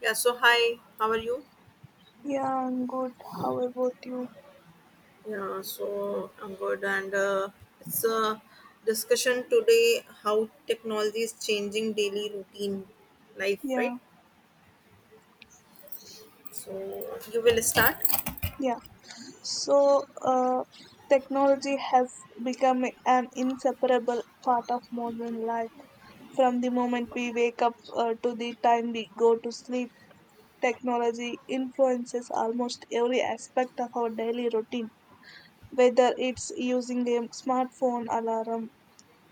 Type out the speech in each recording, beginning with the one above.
Yeah, so hi, how are you? Yeah, I'm good. How about you? Yeah, so I'm good, and it's a discussion today how technology is changing daily routine life, Yeah, right? So you will start. yeah. So, uh, technology has become an inseparable part of modern life. From the moment we wake up to the time we go to sleep, technology influences almost every aspect of our daily routine. Whether it's using a smartphone alarm,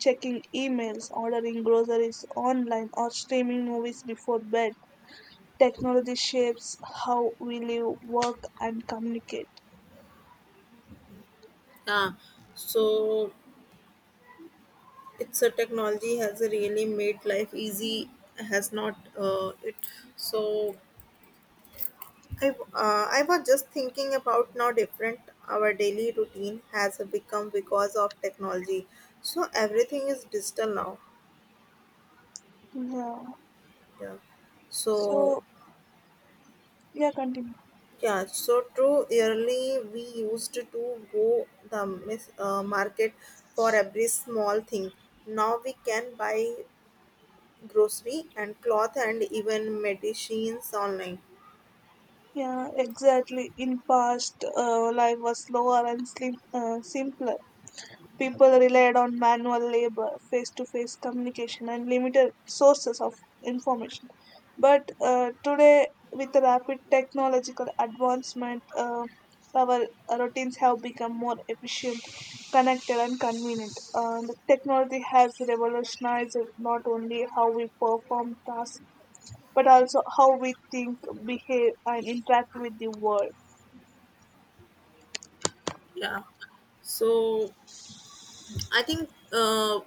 checking emails, ordering groceries online, or streaming movies before bed, technology shapes how we live, work, and communicate. Yeah, so it's a technology has really made life easy. Has not it? So I was just thinking about now different our daily routine has become because of technology. So everything is digital now. Yeah. Yeah. So So, yeah, continue. yeah, so true. Early we used to go the market for every small thing. Now we can buy grocery and cloth and even medicines online. Yeah, exactly. In past, life was slower and simpler. People relied on manual labor, face to face communication, and limited sources of information. But today, with the rapid technological advancement, our routines have become more efficient, connected, and convenient. The technology has revolutionized not only how we perform tasks, but also how we think, behave, and interact with the world. Yeah. So I think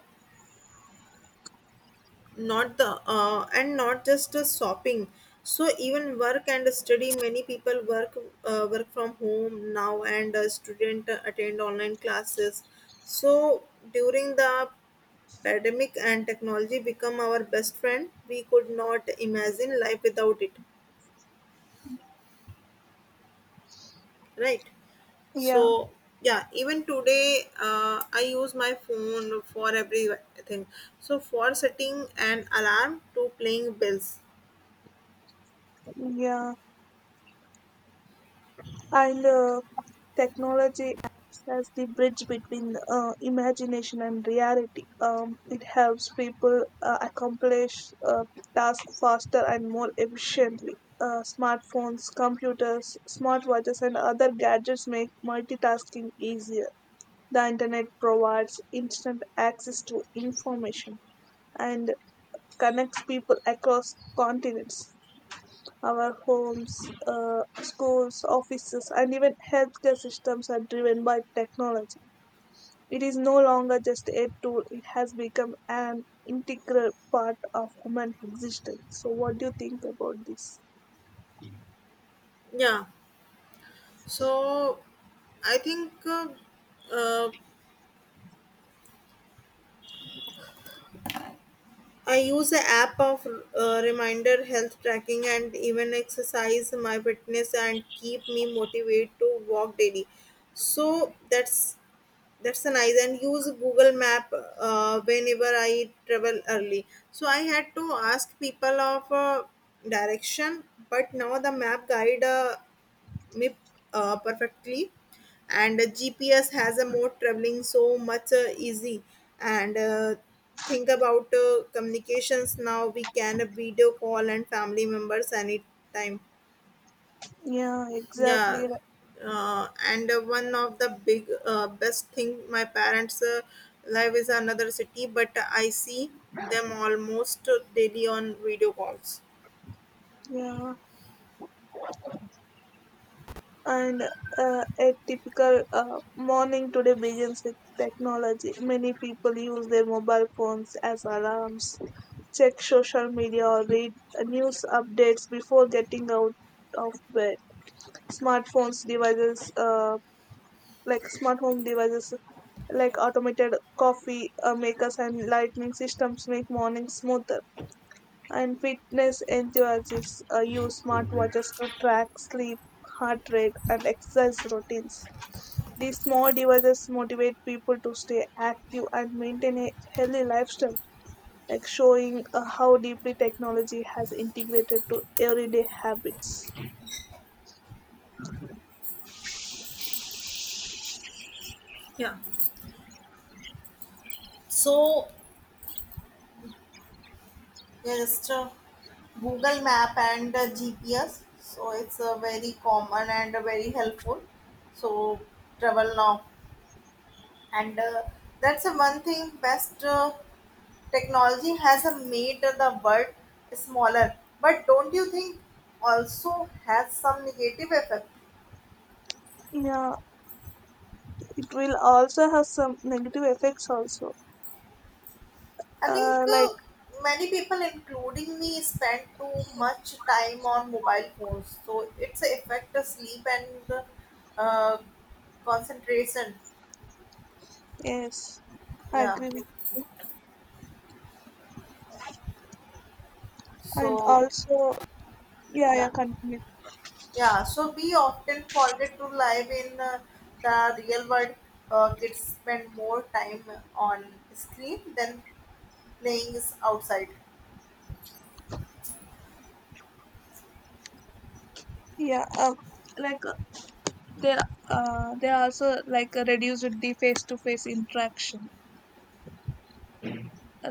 not just the shopping, so even work and study, many people work from home now, and a student attend online classes. So during the pandemic and technology become our best friend, we could not imagine life without it, right? Yeah, So yeah, even today, I use my phone for everything, so for setting an alarm to playing bills. yeah. And technology acts as the bridge between imagination and reality. It helps people accomplish uh, tasks faster and more efficiently. Smartphones, computers, smartwatches, and other gadgets make multitasking easier. The internet provides instant access to information and connects people across continents. Our homes, schools, offices, and even healthcare systems are driven by technology. It is no longer just a tool, it has become an integral part of human existence. So, what do you think about this? Yeah. So I think uh, I use the app of reminder, health tracking, and even exercise my fitness and keep me motivated to walk daily. So that's a nice, and use Google Map whenever I travel early. So I had to ask people of direction, but now the map guide me perfectly, and gps has a mode traveling so much easy, and think about communications, now we can video call and family members anytime. Yeah, exactly, Yeah. right. And One of the big best thing, my parents live is another city, but I see them almost daily on video calls. Yeah. And a typical morning today begins with technology. Many people use their mobile phones as alarms, check social media, or read news updates before getting out of bed. Smartphones devices like smart home devices like automated coffee makers and lighting systems make mornings smoother. And fitness enthusiasts use smartwatches to track sleep, heart rate, and exercise routines. These small devices motivate people to stay active and maintain a healthy lifestyle, like showing how deeply technology has integrated to everyday habits. Yeah. So yeah, just Google Map and GPS. So it's very common and very helpful. So travel now, and that's the one thing. Best, technology has made the world smaller, but don't you think also has some negative effect? Yeah, it will also have some negative effects also. I think Like many people, including me, spend too much time on mobile phones, so it's a affect the sleep and uh, concentration. yes, I Yeah. agree with. And So also, yeah, yeah, yeah, continue. yeah. So we often forget to live in the real world. Kids spend more time on screen than playing is outside. Yeah, like uh, there, there are also reduced the face-to-face interaction.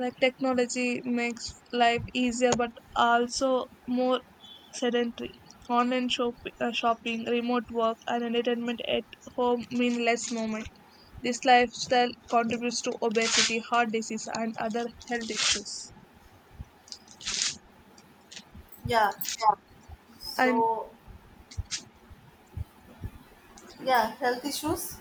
Like technology makes life easier but also more sedentary. Online shopping, remote work, and entertainment at home mean less movement. This lifestyle contributes to obesity, heart disease, and other health issues Yeah. and So yeah, health issues.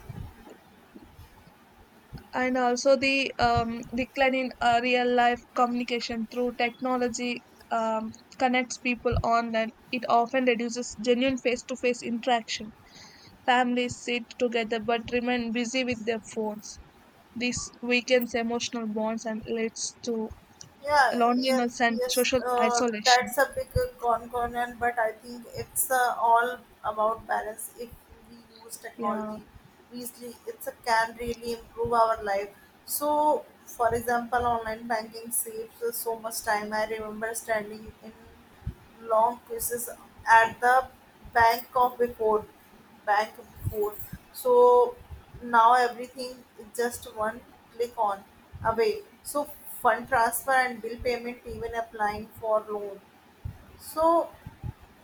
and also the decline in real life communication through technology. um, Connects people online. It often reduces genuine face to face interaction. Families sit together but remain busy with their phones. This weakens emotional bonds and leads to Yeah, yeah, loneliness and yes, social isolation. that's a big concern, but I think it's all about balance. If we use Yeah, technology wisely, it can really improve our life. So, for example, online banking saves us so much time. I remember standing in long queues at the bank of before back and forth. So now everything is just one click on away. So fund transfer and bill payment, even applying for loan. So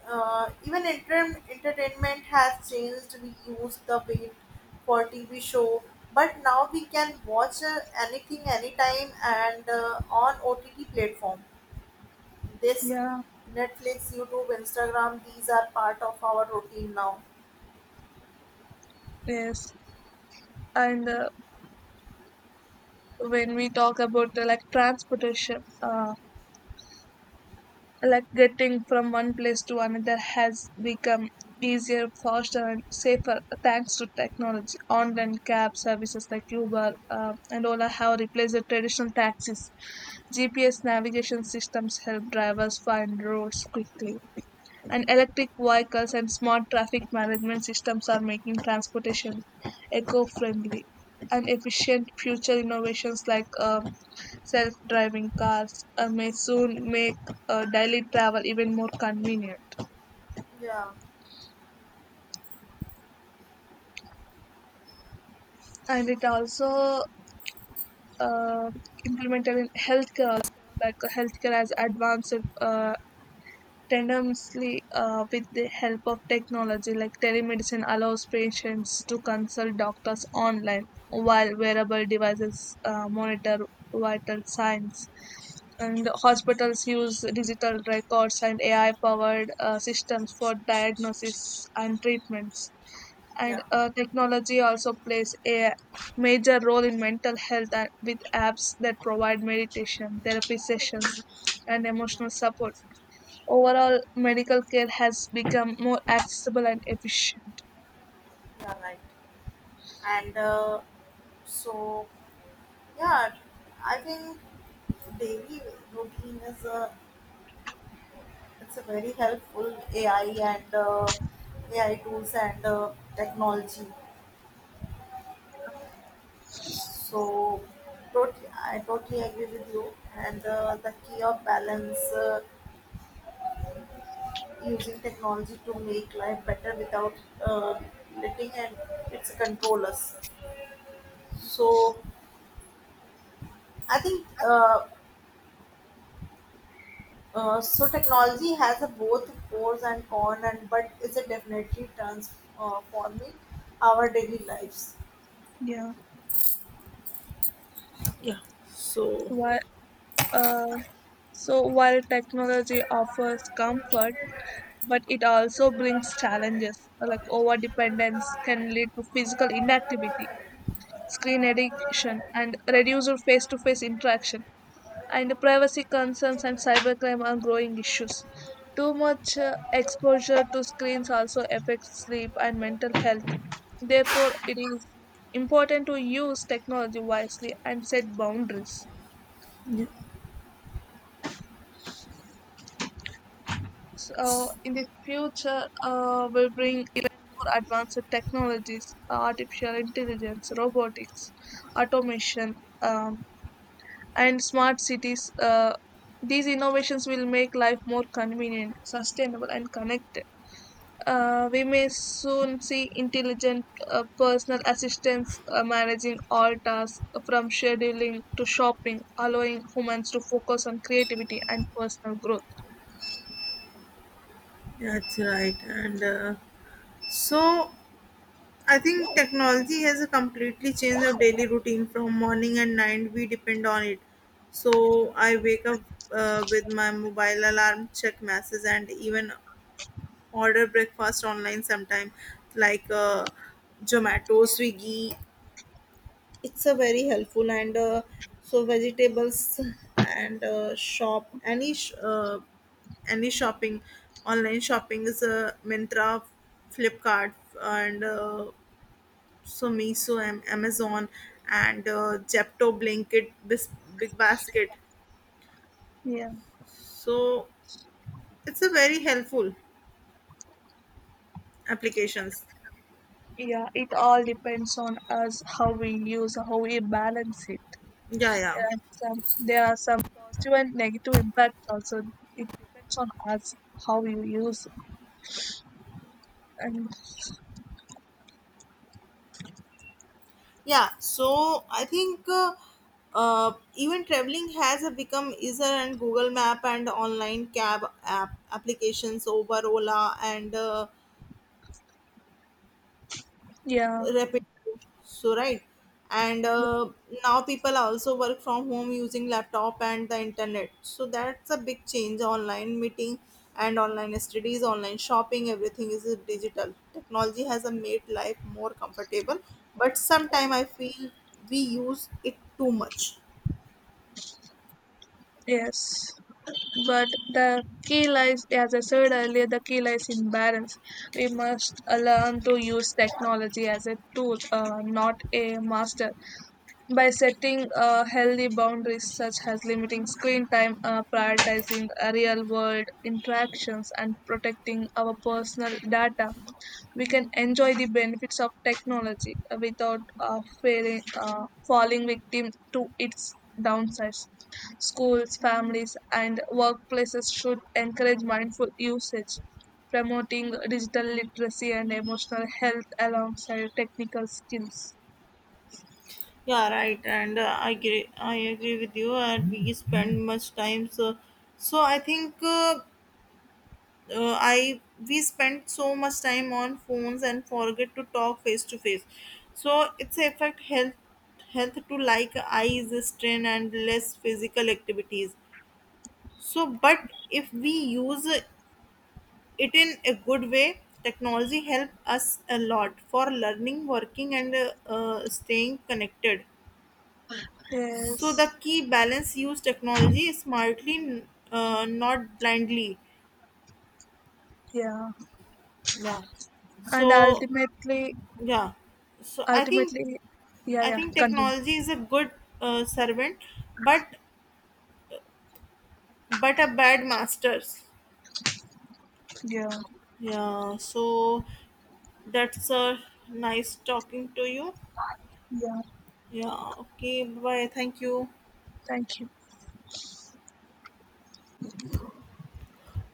entertainment has changed. We use the wait for TV show, but now we can watch anything anytime and on OTT platform. This yeah, Netflix, YouTube, Instagram, these are part of our routine now. yes. And when we talk about like transportation, like getting from one place to another has become easier, faster, and safer thanks to technology. Online cab services like Uber and Ola have replaced the traditional taxis. GPS navigation systems help drivers find roads quickly, and electric vehicles and smart traffic management systems are making transportation eco-friendly and efficient. Future innovations like self-driving cars may soon make daily travel even more convenient. Yeah, And it also uh, implemented in healthcare also, like healthcare has advanced uh, tendency, with the help of technology like telemedicine, allows patients to consult doctors online, while wearable devices monitor vital signs. And hospitals use digital records and AI-powered systems for diagnosis and treatments. yeah, And technology also plays a major role in mental health with apps that provide meditation, therapy sessions, and yeah. emotional support. Overall, medical care has become more accessible and efficient. Yeah, right. And so, yeah, I think daily routine is a it's a very helpful AI and AI tools and technology. So, totally, I totally agree with you. And the key of balance, using technology to make life better without uh, letting and it's control us. So, I think. So technology has a both pros and cons, and but it definitely transforming our daily lives? Yeah. Yeah. So Why, uh, so while technology offers comfort, but it also brings challenges like over dependence can lead to physical inactivity, screen addiction, and reduced face to face interaction. And privacy concerns and cybercrime are growing issues. Too much exposure to screens also affects sleep and mental health. Therefore, it is important to use technology wisely and set boundaries. So, in the future, we'll bring even more advanced technologies, artificial intelligence, robotics, automation, um, and smart cities. These innovations will make life more convenient, sustainable, and connected. We may soon see intelligent personal assistants managing all tasks from scheduling to shopping, allowing humans to focus on creativity and personal growth. that's right. And so I think technology has completely changed our daily routine from morning and night. We depend on it. So I wake up with my mobile alarm, check messages, and even order breakfast online sometime, like zomato, swiggy, it's a very helpful, and so vegetables, and shop any shopping, online shopping is mintra, flipkart, and so miso, amazon, and jepto blanket, big basket, Yeah, so it's a very helpful applications. yeah, it all depends on us how we use, how we balance it. Yeah, There yeah. are some, there are some positive and negative impacts also. It depends on us how we use. And Yeah, so I think even traveling has become easier, and Google Map and online cab applications over Ola and yeah, Rapid. So right, and now people also work from home using laptop and the internet. So that's a big change. Online meeting and online studies, online shopping, everything is digital. Technology has made life more comfortable, but sometime I feel we use it too much. yes. But the key lies, as I said earlier, the key lies in balance. We must learn to use technology as a tool, not a master. By setting healthy boundaries such as limiting screen time, prioritizing real world interactions, and protecting our personal data, we can enjoy the benefits of technology without falling victim to its downsides. Schools, families, and workplaces should encourage mindful usage, promoting digital literacy and emotional health alongside technical skills. Yeah, right. And I agree. I agree with you. And we spend much time. So, so I think I we spend so much time on phones and forget to talk face to face. So it's affect health to like eyes strain and less physical activities. So, but if we use it in a good way, technology help us a lot for learning, working, and staying connected. So Yes. the key balance use technology smartly, not blindly. Yeah. Yeah. and So ultimately yeah. So ultimately yeah, I yeah, think continue. technology is a good servant, but a bad masters. Yeah, Yeah. So that's nice talking to you. yeah, Yeah. Okay. Bye. Thank you. thank you.